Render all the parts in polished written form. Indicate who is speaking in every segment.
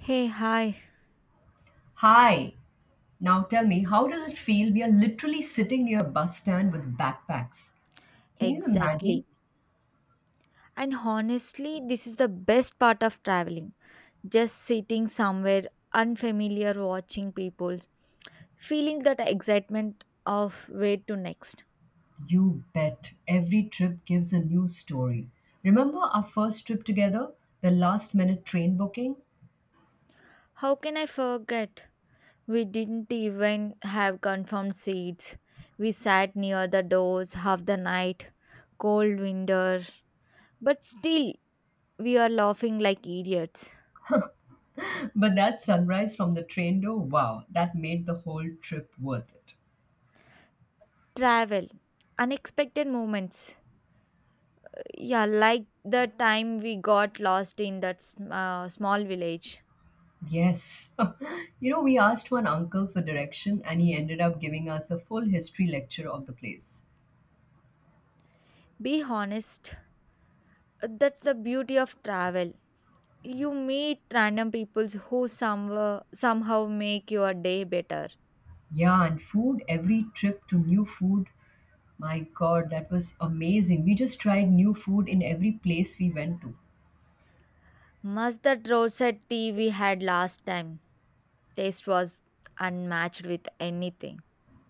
Speaker 1: Hey, hi.
Speaker 2: Hi. Now tell me, how does it feel? We are literally sitting near a bus stand with backpacks. Can you imagine?
Speaker 1: Exactly. And honestly, this is the best part of traveling. Just sitting somewhere unfamiliar, watching people, feeling that excitement of where to next.
Speaker 2: You bet. Every trip gives a new story. Remember our first trip together? The last minute train booking?
Speaker 1: How can I forget? We didn't even have confirmed seats. We sat near the doors half the night, cold winter, but still we are laughing like idiots.
Speaker 2: But that sunrise from the train door, wow, that made the whole trip worth it.
Speaker 1: Travel, unexpected moments. Yeah, like the time we got lost in that small village.
Speaker 2: Yes. We asked one uncle for direction and he ended up giving us a full history lecture of the place.
Speaker 1: Be honest, that's the beauty of travel. You meet random peoples who somewhere, somehow make your day better.
Speaker 2: Yeah, and food, every trip to new food. My God, that was amazing. We just tried new food in every place we went to.
Speaker 1: Must that roadside tea we had last time? Taste was unmatched with anything.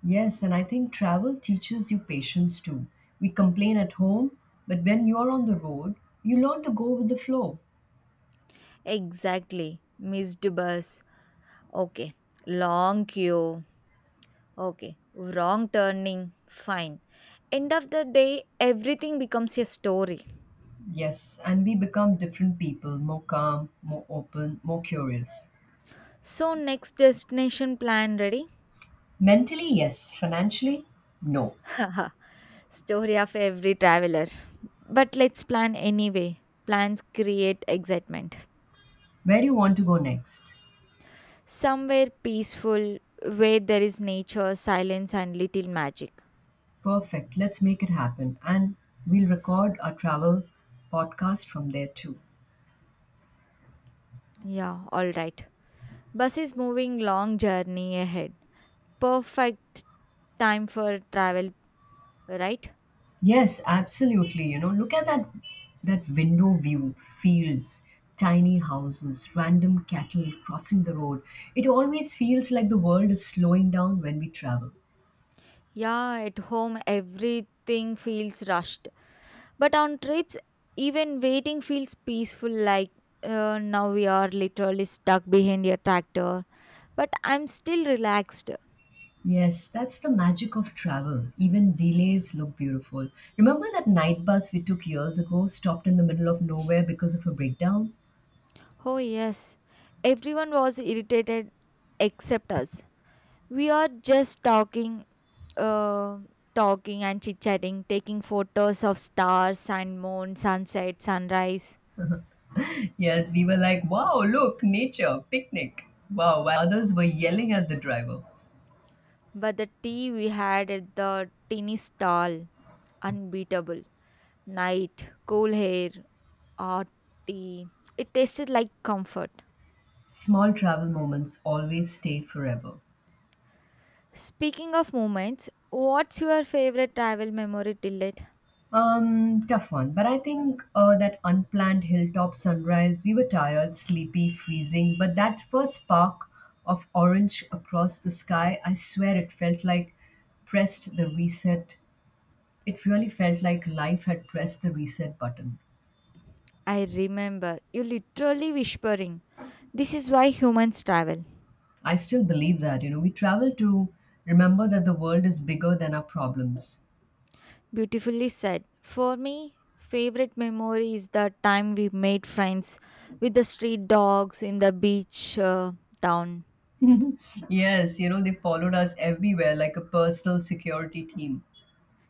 Speaker 2: Yes, and I think travel teaches you patience too. We complain at home, but when you're on the road, you learn to go with the flow.
Speaker 1: Exactly. Missed bus. Okay. Long queue. Okay. Wrong turning. Fine. End of the day, everything becomes a story.
Speaker 2: Yes, and we become different people, more calm, more open, more curious.
Speaker 1: So, next destination plan ready?
Speaker 2: Mentally, yes. Financially, no.
Speaker 1: Haha, story of every traveler. But let's plan anyway. Plans create excitement.
Speaker 2: Where do you want to go next?
Speaker 1: Somewhere peaceful, where there is nature, silence, and little magic.
Speaker 2: Perfect. Let's make it happen. And we'll record our travel podcast from there too.
Speaker 1: Yeah, alright. Bus is moving long journey ahead. Perfect time for travel, right?
Speaker 2: Yes, absolutely. Look at that window view, fields, tiny houses, random cattle crossing the road. It always feels like the world is slowing down when we travel.
Speaker 1: Yeah, at home everything feels rushed. But on trips, even waiting feels peaceful, like now we are literally stuck behind a tractor. But I'm still relaxed.
Speaker 2: Yes, that's the magic of travel. Even delays look beautiful. Remember that night bus we took years ago, stopped in the middle of nowhere because of a breakdown?
Speaker 1: Oh, yes. Everyone was irritated except us. We are just uh, talking and chit chatting, taking photos of stars and moon, sunset, sunrise.
Speaker 2: Yes, we were like, wow, look, nature, picnic. Wow, while others were yelling at the driver.
Speaker 1: But the tea we had at the tiny stall, unbeatable. Night, cool air, or tea. It tasted like comfort.
Speaker 2: Small travel moments always stay forever.
Speaker 1: Speaking of moments, what's your favorite travel memory till date?
Speaker 2: Tough one. But I think that unplanned hilltop sunrise, we were tired, sleepy, freezing. But that first spark of orange across the sky, I swear it felt like pressed the reset. It really felt like life had pressed the reset button.
Speaker 1: I remember you literally whispering, "This is why humans travel."
Speaker 2: I still believe that, we travel to remember that the world is bigger than our problems.
Speaker 1: Beautifully said. For me, favorite memory is the time we made friends with the street dogs in the beach town.
Speaker 2: yes, they followed us everywhere like a personal security team.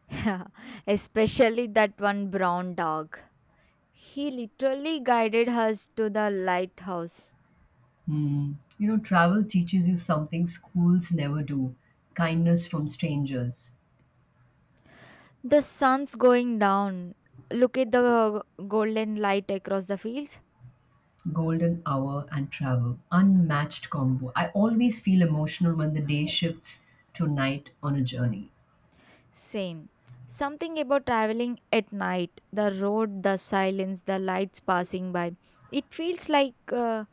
Speaker 1: Especially that one brown dog. He literally guided us to the lighthouse.
Speaker 2: Hmm. Travel teaches you something schools never do kindness from strangers,
Speaker 1: The sun's going down. Look at the golden light across the fields.
Speaker 2: golden hour, and travel. Unmatched combo. I always feel emotional when the day shifts to night on a journey.
Speaker 1: Same. Something about traveling at night, the road, the silence, the lights passing by. It feels like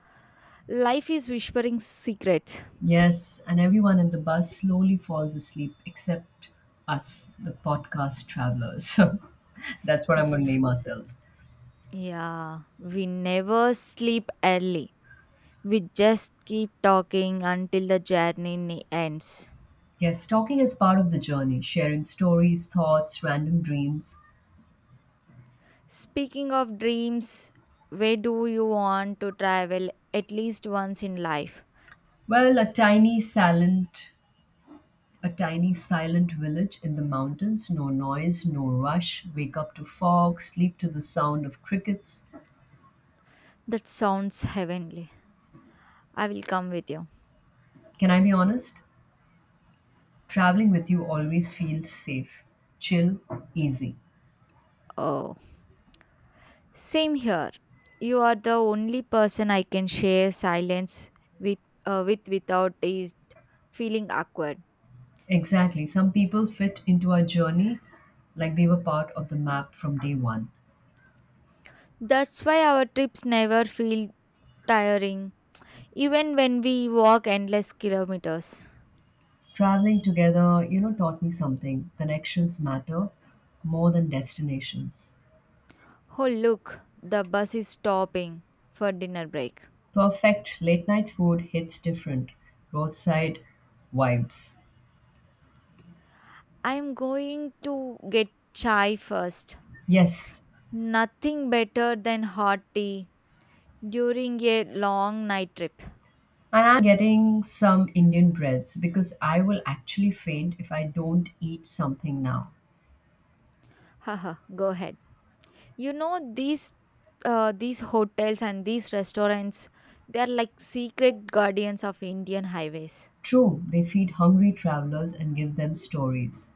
Speaker 1: life is whispering secrets.
Speaker 2: Yes, and everyone in the bus slowly falls asleep except us, the podcast travelers. That's what I'm going to name
Speaker 1: W-
Speaker 2: ourselves.
Speaker 1: Yeah, we never sleep early. We just keep talking until the ends.
Speaker 2: Yes, talking is part of the journey, sharing stories, thoughts, random dreams.
Speaker 1: Speaking of dreams, where do you want to travel at least once in life?
Speaker 2: Well, a tiny silent village in the mountains, no noise, no rush, wake up to fog, sleep to the sound of crickets.
Speaker 1: That sounds heavenly. I will come with you.
Speaker 2: Can I be honest? Traveling with you always feels safe, chill, easy.
Speaker 1: Oh, same here. You are the only person I can share silence with, with without is feeling awkward.
Speaker 2: Exactly. Some people fit into our journey like they were part of the map from day one.
Speaker 1: That's why our trips never feel tiring, even when we walk endless kilometers.
Speaker 2: Traveling together, taught me something. Connections matter more than destinations.
Speaker 1: Oh, look, the bus is stopping for dinner break.
Speaker 2: Perfect late night food hits different. Roadside vibes.
Speaker 1: I am going to get chai first.
Speaker 2: Yes,
Speaker 1: Nothing better than hot tea during a long night trip.
Speaker 2: and I'm getting some Indian breads because I will actually faint if I don't eat something now.
Speaker 1: Haha, go ahead. You know these hotels and these restaurants, they're like secret guardians of Indian highways.
Speaker 2: True, they feed hungry travelers and give them stories.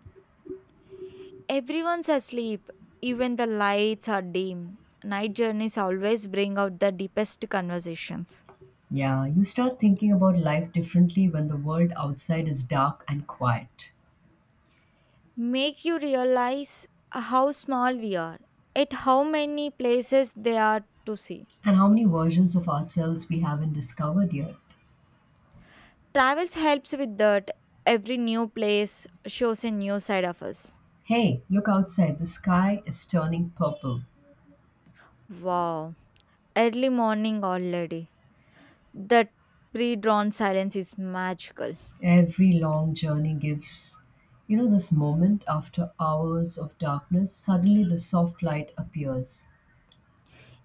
Speaker 1: Everyone's asleep, even the lights are dim. Night journeys always bring out the deepest conversations.
Speaker 2: Yeah, you start thinking about life differently when the world outside is dark and quiet.
Speaker 1: Make you realize how small we are, at how many places there are to see.
Speaker 2: And how many versions of ourselves we haven't discovered yet.
Speaker 1: Travels helps with that. Every new place shows a new side of us.
Speaker 2: Hey, look outside. The sky is turning purple.
Speaker 1: Wow, early morning already. That pre drawn silence is magical.
Speaker 2: Every long journey gives, this moment after hours of darkness, suddenly the soft light appears.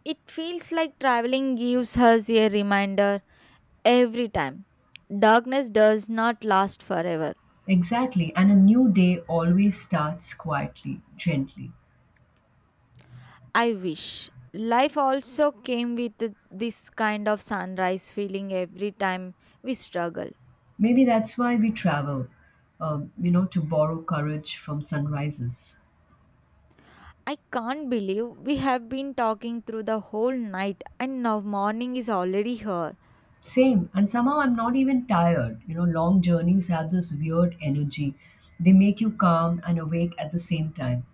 Speaker 1: It feels like traveling gives us a reminder every time. Darkness does not last forever.
Speaker 2: Exactly. And a new day always starts quietly, gently.
Speaker 1: I wish. Life also came with this kind of sunrise feeling every time we struggle.
Speaker 2: Maybe that's why we travel, to borrow courage from sunrises.
Speaker 1: I can't believe we have been talking through the whole night and now morning is already here.
Speaker 2: Same. And somehow I'm not even tired. Long journeys have this weird energy. They make you calm and awake at the same time.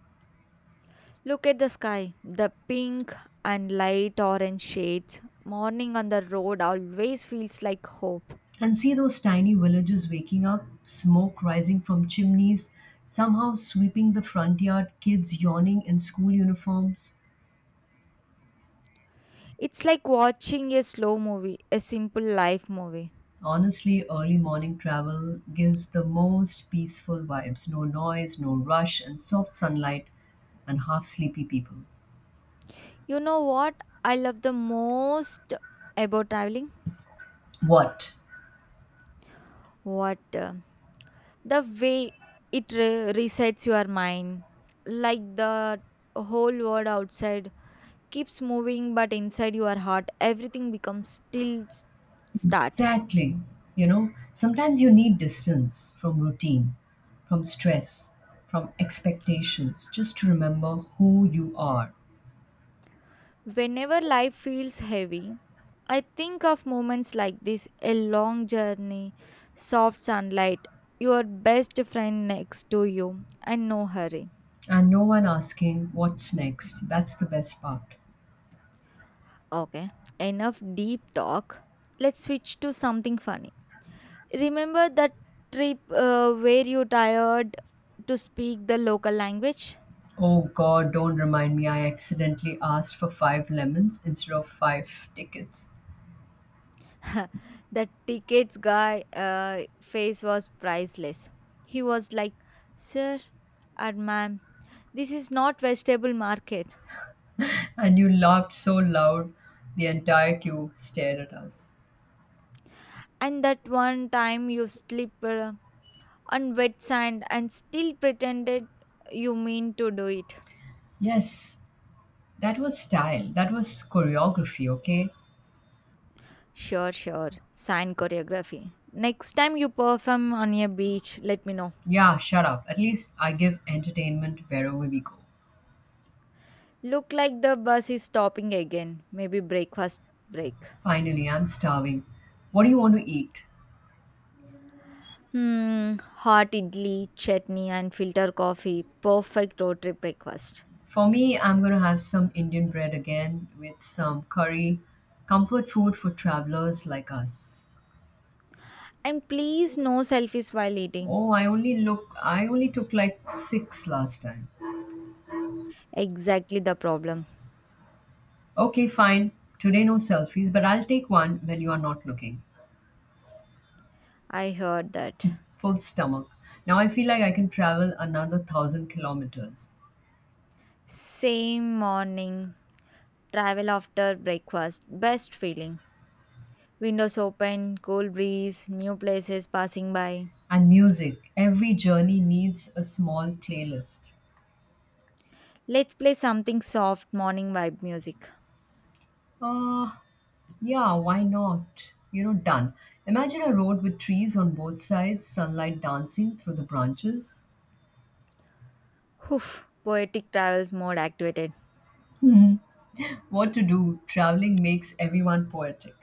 Speaker 1: Look at the sky, the pink and light orange shades. Morning on the road always feels like hope.
Speaker 2: And see those tiny villages waking up, smoke rising from chimneys, somehow sweeping the front yard, kids yawning in school uniforms.
Speaker 1: It's like watching a slow movie, a simple life movie.
Speaker 2: Honestly, early morning travel gives the most peaceful vibes no noise, no rush, and soft sunlight and half sleepy people.
Speaker 1: You know what I love the most about traveling?
Speaker 2: What?
Speaker 1: What? The way it resets your mind. Like the whole world outside keeps moving, but inside your heart, everything becomes still start.
Speaker 2: Exactly. Sometimes you need distance from routine, from stress, from expectations, just to remember who you are.
Speaker 1: Whenever life feels heavy, I think of moments like this a long journey, soft sunlight, your best friend next to you, and no hurry.
Speaker 2: And no one asking what's next. That's the best part.
Speaker 1: Okay, enough deep talk. Let's switch to something funny. Remember that trip where you tired to speak the local language?
Speaker 2: Oh God, don't remind me I accidentally asked for five lemons instead of five tickets.
Speaker 1: The tickets guy face was priceless. He was like, "Sir or ma'am, this is not vegetable market."
Speaker 2: And you laughed so loud, the entire queue stared at us.
Speaker 1: And that one time you slipped on wet sand and still pretended you mean to do it.
Speaker 2: Yes, that was style. That was choreography, okay?
Speaker 1: Sure, sure. Sign choreography. Next time you perform on a beach, let me know.
Speaker 2: Yeah, shut up. At least I give entertainment wherever we go.
Speaker 1: Look like the bus is stopping again. Maybe breakfast break.
Speaker 2: Finally, I'm starving. What do you want to eat?
Speaker 1: Hmm, hot idli, chutney, and filter coffee. Perfect road trip breakfast.
Speaker 2: For me, I'm going to have some Indian bread again with some curry. Comfort food for travelers like us.
Speaker 1: And please, no selfies while eating.
Speaker 2: Oh, I only took like 6 last time.
Speaker 1: Exactly the problem.
Speaker 2: Okay, fine. Today no selfies, but I'll take one when you are not looking.
Speaker 1: I heard that.
Speaker 2: Full stomach. Now I feel like I can travel another 1,000 kilometers.
Speaker 1: Same morning, travel after breakfast. Best feeling. Windows open, cool breeze, new places passing by.
Speaker 2: And music, every journey needs a small playlist.
Speaker 1: Let's play something soft, morning vibe music.
Speaker 2: Uh, yeah, why not? Done. Imagine a road with trees on both sides, sunlight dancing through the branches.
Speaker 1: Whew, poetic travels mode activated.
Speaker 2: What to do? Traveling makes everyone poetic.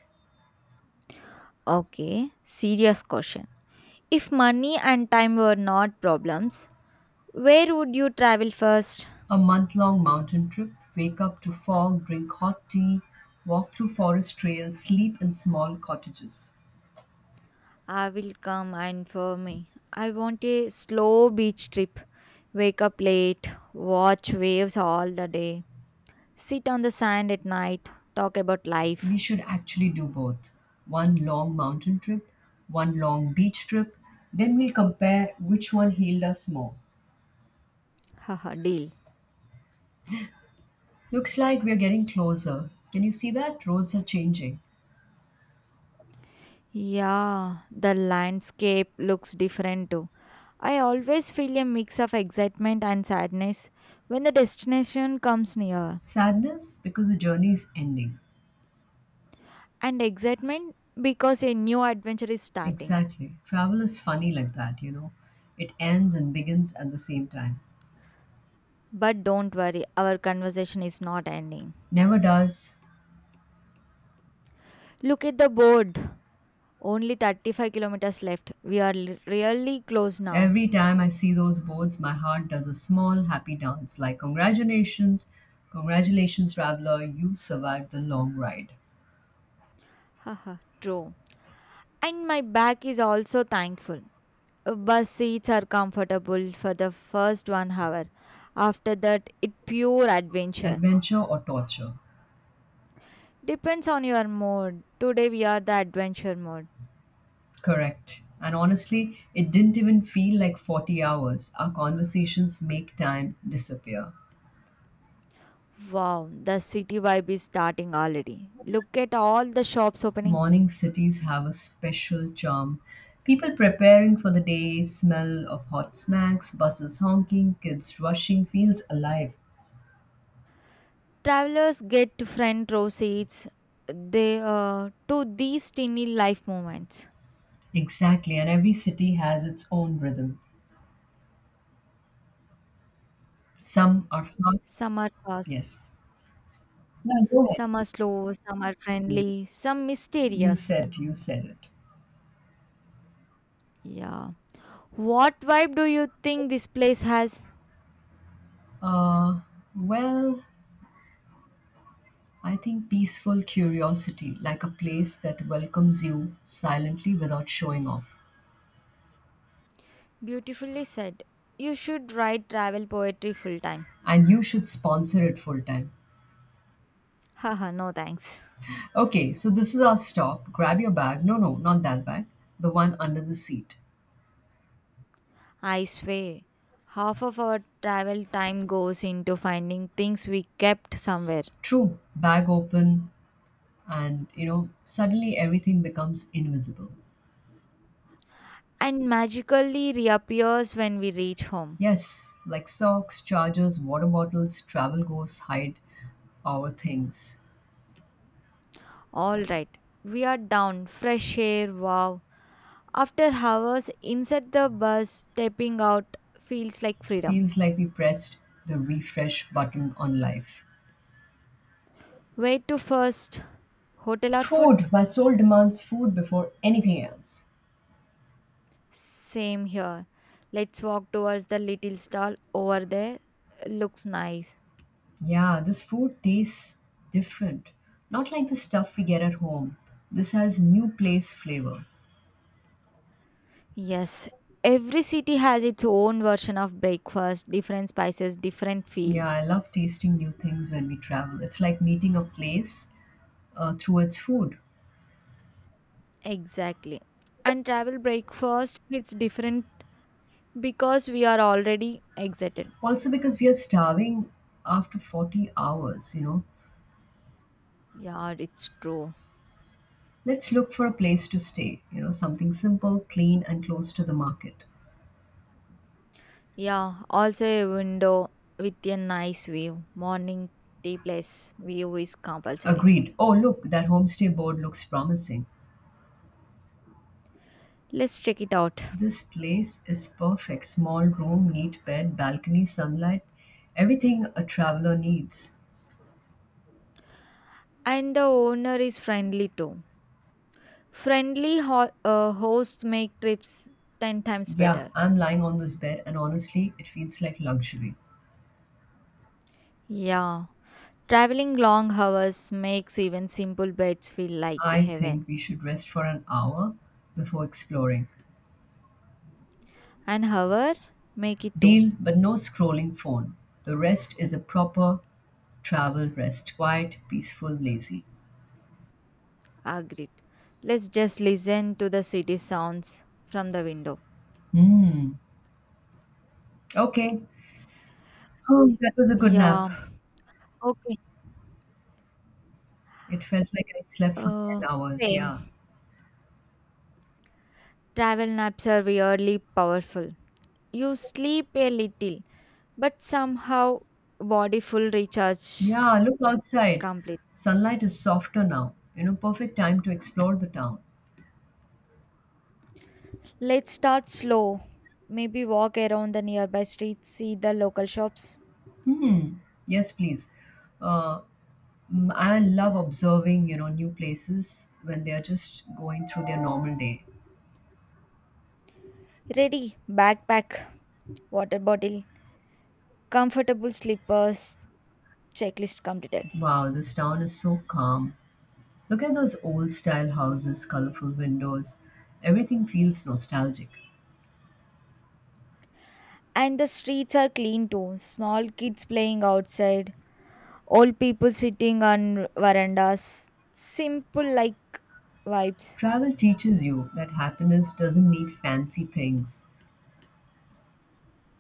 Speaker 1: Okay, serious question. If money and time were not problems, where would you travel first?
Speaker 2: A month long mountain trip, wake up to fog, drink hot tea, walk through forest trails, sleep in small cottages.
Speaker 1: I will come and for me. I want a slow beach trip. Wake up late, watch waves all the day, sit on the sand at night, talk about
Speaker 2: We
Speaker 1: life.
Speaker 2: should actually do both. One long mountain trip, one long beach trip, then we'll compare which one healed us more.
Speaker 1: Haha, deal.
Speaker 2: Looks like we're getting closer. Can you see that? Roads are changing.
Speaker 1: Yeah, the landscape looks different too. I always feel a mix of excitement and sadness when the destination comes near,
Speaker 2: Sadness because the journey is ending.
Speaker 1: and excitement because a new adventure is starting.
Speaker 2: Exactly. Travel is funny like that. It ends and begins at the same time.
Speaker 1: But don't worry, our conversation is not ending.
Speaker 2: Never does.
Speaker 1: Look at the board. Only 35 kilometers left. We are really close now.
Speaker 2: Every time I see those boards, my heart does a small happy dance like, Congratulations, congratulations, traveler, you survived the long ride.
Speaker 1: Haha, true. And my back is also thankful. Bus seats are comfortable for the first 1 hour. After that, it pure adventure.
Speaker 2: Adventure or torture?
Speaker 1: Depends on your mood. Today we are the adventure mode.
Speaker 2: Correct. And honestly, it didn't even feel like 40 hours. Our conversations make time disappear.
Speaker 1: Wow, the city vibe is starting already. Look at all the shops opening.
Speaker 2: Morning cities have a special charm. People preparing for the day, smell of hot snacks, buses honking, kids rushing feels alive.
Speaker 1: Travelers get front row seats. They To these tiny life moments.
Speaker 2: Exactly. And every city has its own rhythm. Some are fast.
Speaker 1: Some are fast,
Speaker 2: Yes. No, go ahead.
Speaker 1: some are slow, some are
Speaker 2: Yes.
Speaker 1: friendly, some
Speaker 2: You
Speaker 1: mysterious.
Speaker 2: said, you said it.
Speaker 1: Yeah. What vibe do you think this place has?
Speaker 2: Uh, well, I think peaceful curiosity, like a place that welcomes you silently without showing off.
Speaker 1: Beautifully said. You should write travel poetry full time.
Speaker 2: And you should sponsor it full time.
Speaker 1: Haha, no thanks.
Speaker 2: Okay, so this is our stop. Grab your bag. No, no, not that bag. The one under the seat.
Speaker 1: I swear. Half of our travel time goes into finding things we kept somewhere
Speaker 2: True, bag open, and suddenly everything becomes invisible.
Speaker 1: and magically reappears when we reach home.
Speaker 2: Yes, like socks, chargers, water bottles, travel goes, hide our things.
Speaker 1: Alright, we are down. Fresh air, wow. After hours inside the bus, stepping out feels like freedom.
Speaker 2: Feels like we pressed the refresh button on life.
Speaker 1: Wait to first hotel or food?
Speaker 2: Food. My soul demands food before anything else.
Speaker 1: Same here. Let's walk towards the little stall over there. Looks nice.
Speaker 2: Yeah, this food tastes different. Not like the stuff we get at home. This has new place flavor.
Speaker 1: Yes, every city has its own version of breakfast, different spices, different feel.
Speaker 2: Yeah, I love tasting new things when we travel. It's like meeting a place through its food.
Speaker 1: Exactly. And travel breakfast it's different because we are already excited.
Speaker 2: Also, because we are starving after 40 hours,
Speaker 1: Yeah, it's true.
Speaker 2: let's look for a place to stay. Something simple, clean, and close to the market.
Speaker 1: Yeah, also a window with a nice view. Morning tea place view is compulsory.
Speaker 2: Agreed. Oh, look, that homestay board looks promising.
Speaker 1: Let's check it out.
Speaker 2: This place is perfect. Small room, neat bed, balcony, sunlight, everything a traveler needs.
Speaker 1: And the owner is friendly too. Friendly hosts make trips 10 times
Speaker 2: Yeah,
Speaker 1: better.
Speaker 2: I'm lying on this bed, and honestly, it feels like luxury.
Speaker 1: Yeah, traveling long hours makes even simple beds feel like
Speaker 2: I think
Speaker 1: heaven.
Speaker 2: we should rest for an hour before exploring.
Speaker 1: And hour make it too.
Speaker 2: Deal, but no scrolling phone. The rest is a proper travel rest. Quiet, peaceful, lazy.
Speaker 1: Agreed. Let's just listen to the city sounds from the window.
Speaker 2: Hmm. Okay. Oh, that was a good nap.
Speaker 1: Yeah, okay.
Speaker 2: It felt like I slept for 10
Speaker 1: Uh,
Speaker 2: hours.
Speaker 1: Same.
Speaker 2: Yeah.
Speaker 1: Travel naps are weirdly powerful. You sleep a little, but somehow body full recharge
Speaker 2: Yeah, look outside.
Speaker 1: complete.
Speaker 2: Sunlight is softer now. Perfect time to explore the town.
Speaker 1: Let's start slow. Maybe walk around the nearby streets, see the local shops.
Speaker 2: Hmm. Yes, please. Uh, I love observing, new places when they are just going through their normal day.
Speaker 1: Ready, backpack, water bottle, comfortable slippers, checklist completed.
Speaker 2: Wow, this town is so calm. Look at those old style houses, colorful windows. Everything feels nostalgic.
Speaker 1: And the streets are clean too. Small kids playing outside, old people sitting on verandas. Simple like vibes.
Speaker 2: Travel teaches you that happiness doesn't need fancy things.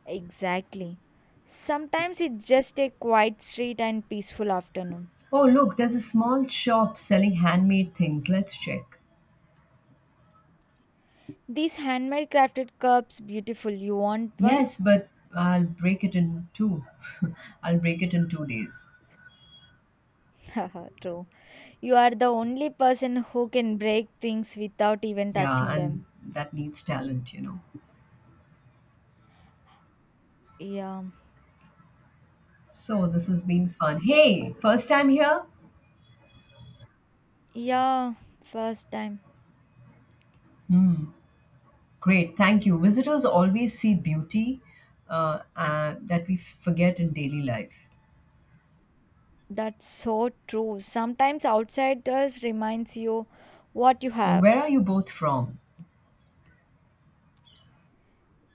Speaker 1: Exactly. Sometimes it's just a quiet street and peaceful afternoon.
Speaker 2: Oh, look, there's a small shop selling handmade things. Let's check.
Speaker 1: These handmade crafted cups, beautiful. You want one?
Speaker 2: Yes, but I'll break it in two. I'll break it in 2 days.
Speaker 1: Haha, true. You are the only person who can break things without even
Speaker 2: Yeah,
Speaker 1: touching them.
Speaker 2: and that needs talent.
Speaker 1: Yeah.
Speaker 2: So this has been fun. Hey,
Speaker 1: Oh.
Speaker 2: first time here?
Speaker 1: Yeah, first time.
Speaker 2: Great, thank you. Visitors always see beauty that we forget in daily life.
Speaker 1: That's so true. Sometimes outsiders reminds you what you have.
Speaker 2: Where are you both from?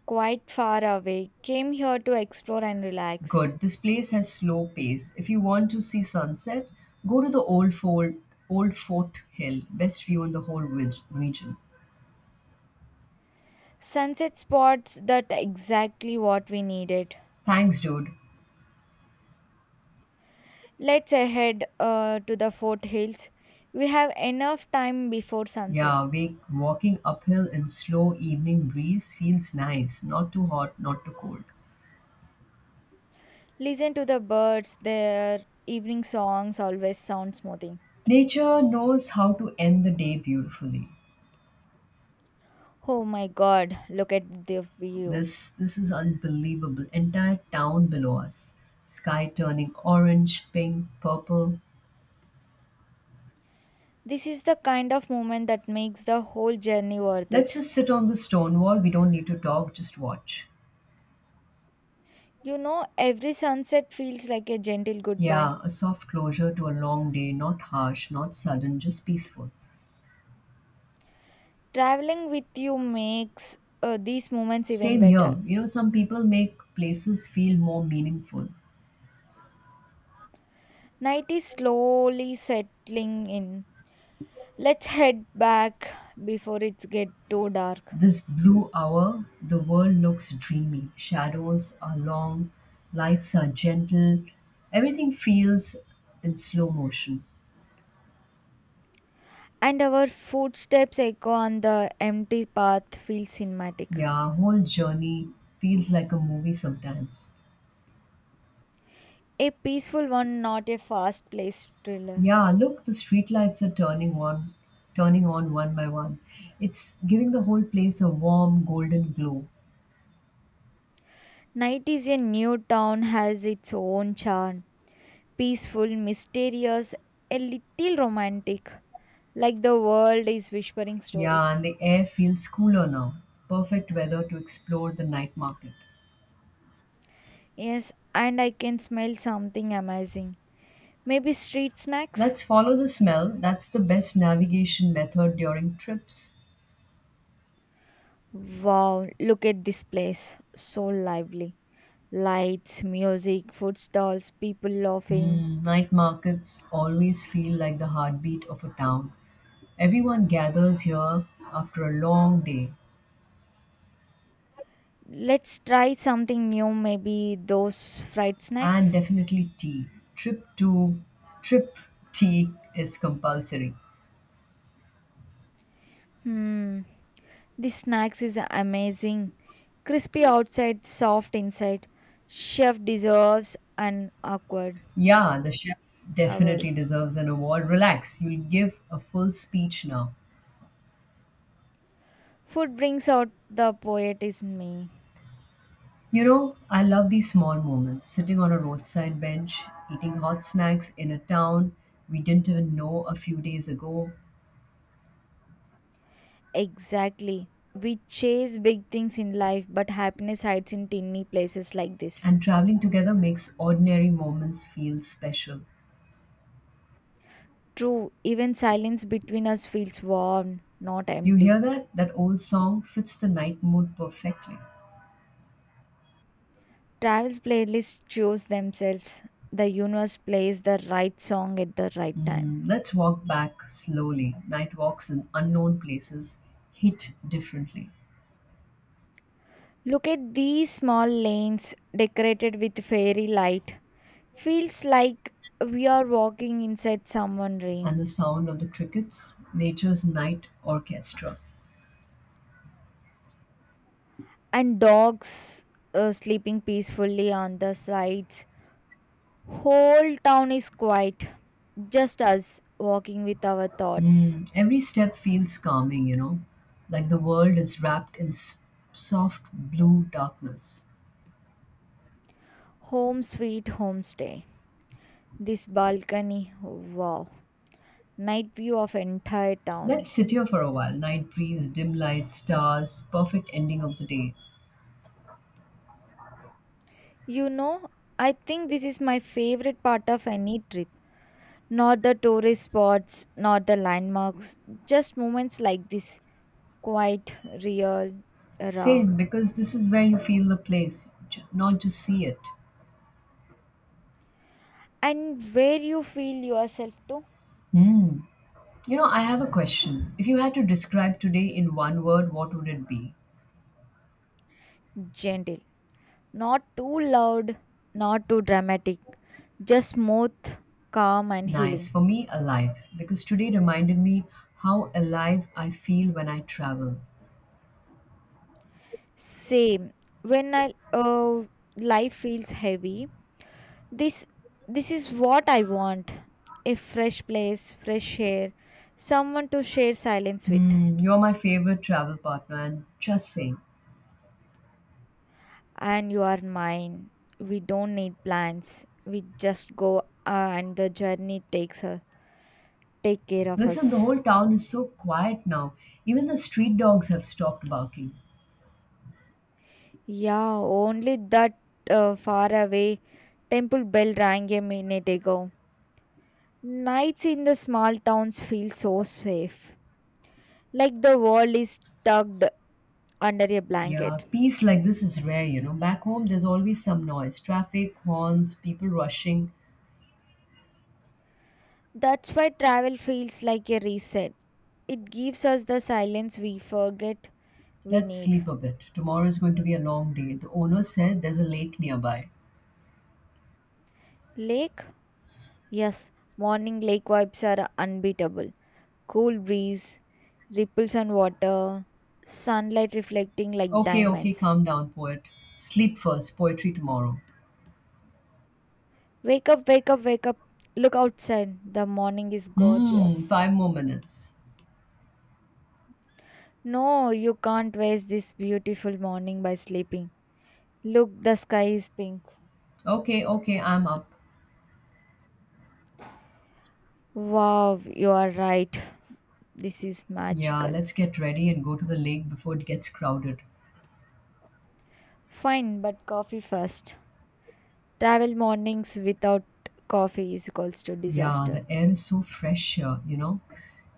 Speaker 1: Quite far away. Came here to explore and relax.
Speaker 2: Good. This place has slow pace. If you want to see sunset, go to the old fort hill. Best view in the whole region.
Speaker 1: Sunset spots that exactly what we needed.
Speaker 2: Thanks, dude.
Speaker 1: Let's head to the Fort Hills. We have enough time before sunset.
Speaker 2: Yeah, walking uphill in slow evening breeze feels nice, not too hot, not too cold.
Speaker 1: Listen to the birds, their evening songs always sound smoothing.
Speaker 2: Nature knows how to end the day beautifully.
Speaker 1: Oh my god, look at the view.
Speaker 2: This is unbelievable. Entire town below us. Sky turning orange, pink, purple.
Speaker 1: This is the kind of moment that makes the whole journey worth
Speaker 2: Let's
Speaker 1: it.
Speaker 2: just sit on the stone wall. We don't need to talk, just watch.
Speaker 1: You know, every sunset feels like a gentle goodbye.
Speaker 2: Yeah, a soft closure to a long day, not harsh, not sudden, just peaceful.
Speaker 1: Traveling with you makes these moments even
Speaker 2: Same
Speaker 1: better.
Speaker 2: here. Some people make places feel more meaningful.
Speaker 1: Night is slowly settling in. Let's head back before it's get too dark.
Speaker 2: This blue hour, the world looks dreamy. Shadows are long, lights are gentle, everything feels in slow motion.
Speaker 1: And our footsteps echo on the empty path feels cinematic.
Speaker 2: Yeah, whole journey feels like a movie sometimes.
Speaker 1: A peaceful one, not a fast paced thriller.
Speaker 2: Yeah, look, the streetlights are turning on one by one. It's giving the whole place a warm golden glow.
Speaker 1: Night is a new town has its own charm. Peaceful, mysterious, a little romantic. Like the world is whispering
Speaker 2: Yeah,
Speaker 1: stories.
Speaker 2: and the air feels cooler now. Perfect weather to explore the night market.
Speaker 1: Yes, and I can smell something amazing. Maybe street snacks?
Speaker 2: Let's follow the smell. That's the best navigation method during trips.
Speaker 1: Wow, look at this place. So lively. Lights, music, food stalls, people laughing.
Speaker 2: Mm, night markets always feel like the heartbeat of a town. Everyone gathers here after a long day,
Speaker 1: Let's try something new, maybe those fried
Speaker 2: and
Speaker 1: snacks.
Speaker 2: definitely tea. Trip to trip tea is compulsory.
Speaker 1: Hmm, this snacks is amazing. Crispy outside, soft inside. Chef deserves an awkward
Speaker 2: Yeah, the chef
Speaker 1: award.
Speaker 2: definitely deserves an award. Relax, you'll give a full speech now.
Speaker 1: Food brings out the poet is me.
Speaker 2: I love these small moments sitting on a roadside bench, eating hot snacks in a town we didn't even know a few days ago,
Speaker 1: Exactly. We chase big things in life, but happiness hides in tiny places like this.
Speaker 2: and traveling together makes ordinary moments feel special.
Speaker 1: True, even silence between us feels warm, not
Speaker 2: You hear
Speaker 1: empty.
Speaker 2: that? That old song fits the night mood perfectly.
Speaker 1: Travel's playlists choose themselves. The universe plays the right song at the right time.
Speaker 2: Mm, let's walk back slowly. Night walks in unknown places hit differently.
Speaker 1: Look at these small lanes decorated with fairy light. Feels like we are walking inside someone's
Speaker 2: And
Speaker 1: dream.
Speaker 2: the sound of the crickets, nature's night orchestra.
Speaker 1: And dogs sleeping peacefully on the sides. Whole town is quiet, just us walking with our thoughts.
Speaker 2: Mm, every step feels calming, like the world is wrapped in soft blue darkness.
Speaker 1: Home sweet homestay. This balcony, wow, night view of entire town.
Speaker 2: Let's sit here for a while. Night breeze, dim lights, stars, perfect ending of the day.
Speaker 1: You know, I think this is my favorite part of any trip. Not the tourist spots, not the landmarks, just moments like this, quite real, raw,
Speaker 2: Same, because this is where you feel the place, not just see it.
Speaker 1: and where you feel yourself too
Speaker 2: I have a question. If you had to describe today in one word, what would it be?
Speaker 1: gentle, not too loud, not too dramatic, just smooth, calm, and
Speaker 2: Nice.
Speaker 1: healing.
Speaker 2: For me, alive, because today reminded me how alive I feel when I travel.
Speaker 1: Same when I uh, life feels heavy this this is what I want a fresh place fresh air someone to share silence with
Speaker 2: Hmm, you're my favorite travel partner, and just saying.
Speaker 1: and you are mine we don't need plans we just go and the journey take care of
Speaker 2: Listen, the
Speaker 1: us
Speaker 2: whole town is so quiet now. Even the street dogs have stopped barking.
Speaker 1: yeah only that far away temple bell rang a minute ago nights in the small towns feel so safe like the world is tucked under a
Speaker 2: Yeah,
Speaker 1: blanket.
Speaker 2: peace like this is rare. Back home, there's always some noise traffic, horns, people rushing.
Speaker 1: That's why travel feels like a reset. It gives us the silence we forget we
Speaker 2: Let's
Speaker 1: need.
Speaker 2: sleep a bit. Tomorrow is going to be a long day. The owner said there's a lake nearby.
Speaker 1: Lake? Yes, morning lake vibes are unbeatable. Cool breeze, ripples on water, sunlight reflecting like
Speaker 2: Okay, okay,
Speaker 1: diamonds.
Speaker 2: calm down, poet. Sleep first, poetry tomorrow.
Speaker 1: Wake up, wake up, wake up. Look outside. The morning is
Speaker 2: Hmm,
Speaker 1: gorgeous.
Speaker 2: 5 more minutes.
Speaker 1: No, you can't waste this beautiful morning by sleeping. Look, the sky is pink.
Speaker 2: Okay, okay, I'm up.
Speaker 1: Wow, you are right. This is
Speaker 2: Yeah,
Speaker 1: magical.
Speaker 2: let's get ready and go to the lake before it gets crowded.
Speaker 1: Fine, but coffee first. Travel mornings without coffee is equals to
Speaker 2: Yeah,
Speaker 1: disaster.
Speaker 2: the air is so fresh here, you know.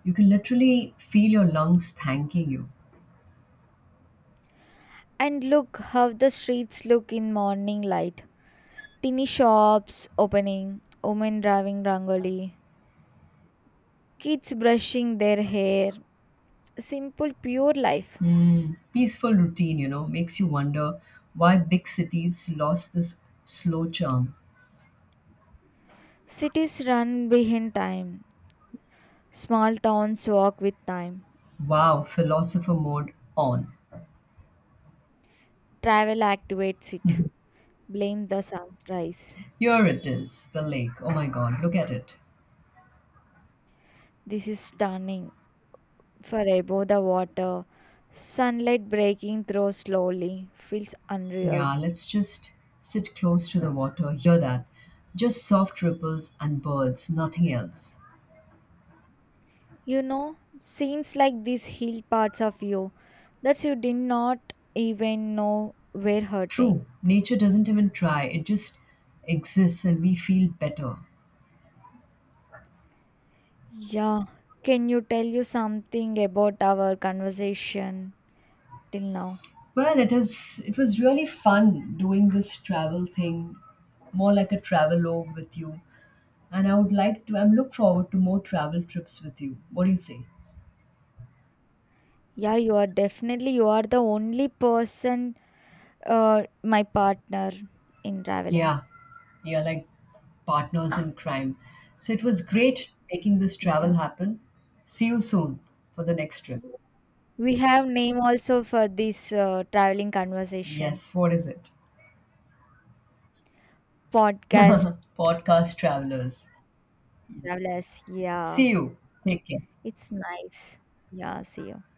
Speaker 2: You can literally feel your lungs thanking you.
Speaker 1: And look how the streets look in morning light. Tiny shops opening, women driving rangoli, kids brushing their hair. Simple, pure life.
Speaker 2: Peaceful routine, makes you wonder why big cities lost this slow charm.
Speaker 1: Cities run behind time. Small towns walk with time.
Speaker 2: Wow, philosopher mode on.
Speaker 1: Travel activates it. Blame the sunrise.
Speaker 2: Here it is, the lake. Oh my god, look at it.
Speaker 1: This is stunning. For above the water, sunlight breaking through slowly, feels unreal.
Speaker 2: Yeah, let's just sit close to the water, hear that. Just soft ripples and birds, nothing else.
Speaker 1: You know, scenes like these heal parts of you that you did not even know were hurting.
Speaker 2: True, nature doesn't even try, it just exists and we feel better.
Speaker 1: Yeah, can you tell you something about our conversation till now?
Speaker 2: Well, it is. It was really fun doing this travel thing, more like a travelogue with you. And I would like to. I'm look forward to more travel trips with you. What do you say?
Speaker 1: Yeah, you are definitely you are the only person, my partner in traveling.
Speaker 2: Yeah, yeah, like partners in crime. So it was great making this travel
Speaker 1: Yeah,
Speaker 2: happen. See you soon for the next trip.
Speaker 1: we have name also for this traveling conversation
Speaker 2: Yes, what is it?
Speaker 1: podcast
Speaker 2: Podcast travelers.
Speaker 1: Travelers. Yeah,
Speaker 2: See you. Take care.
Speaker 1: it's nice. Yeah, see you.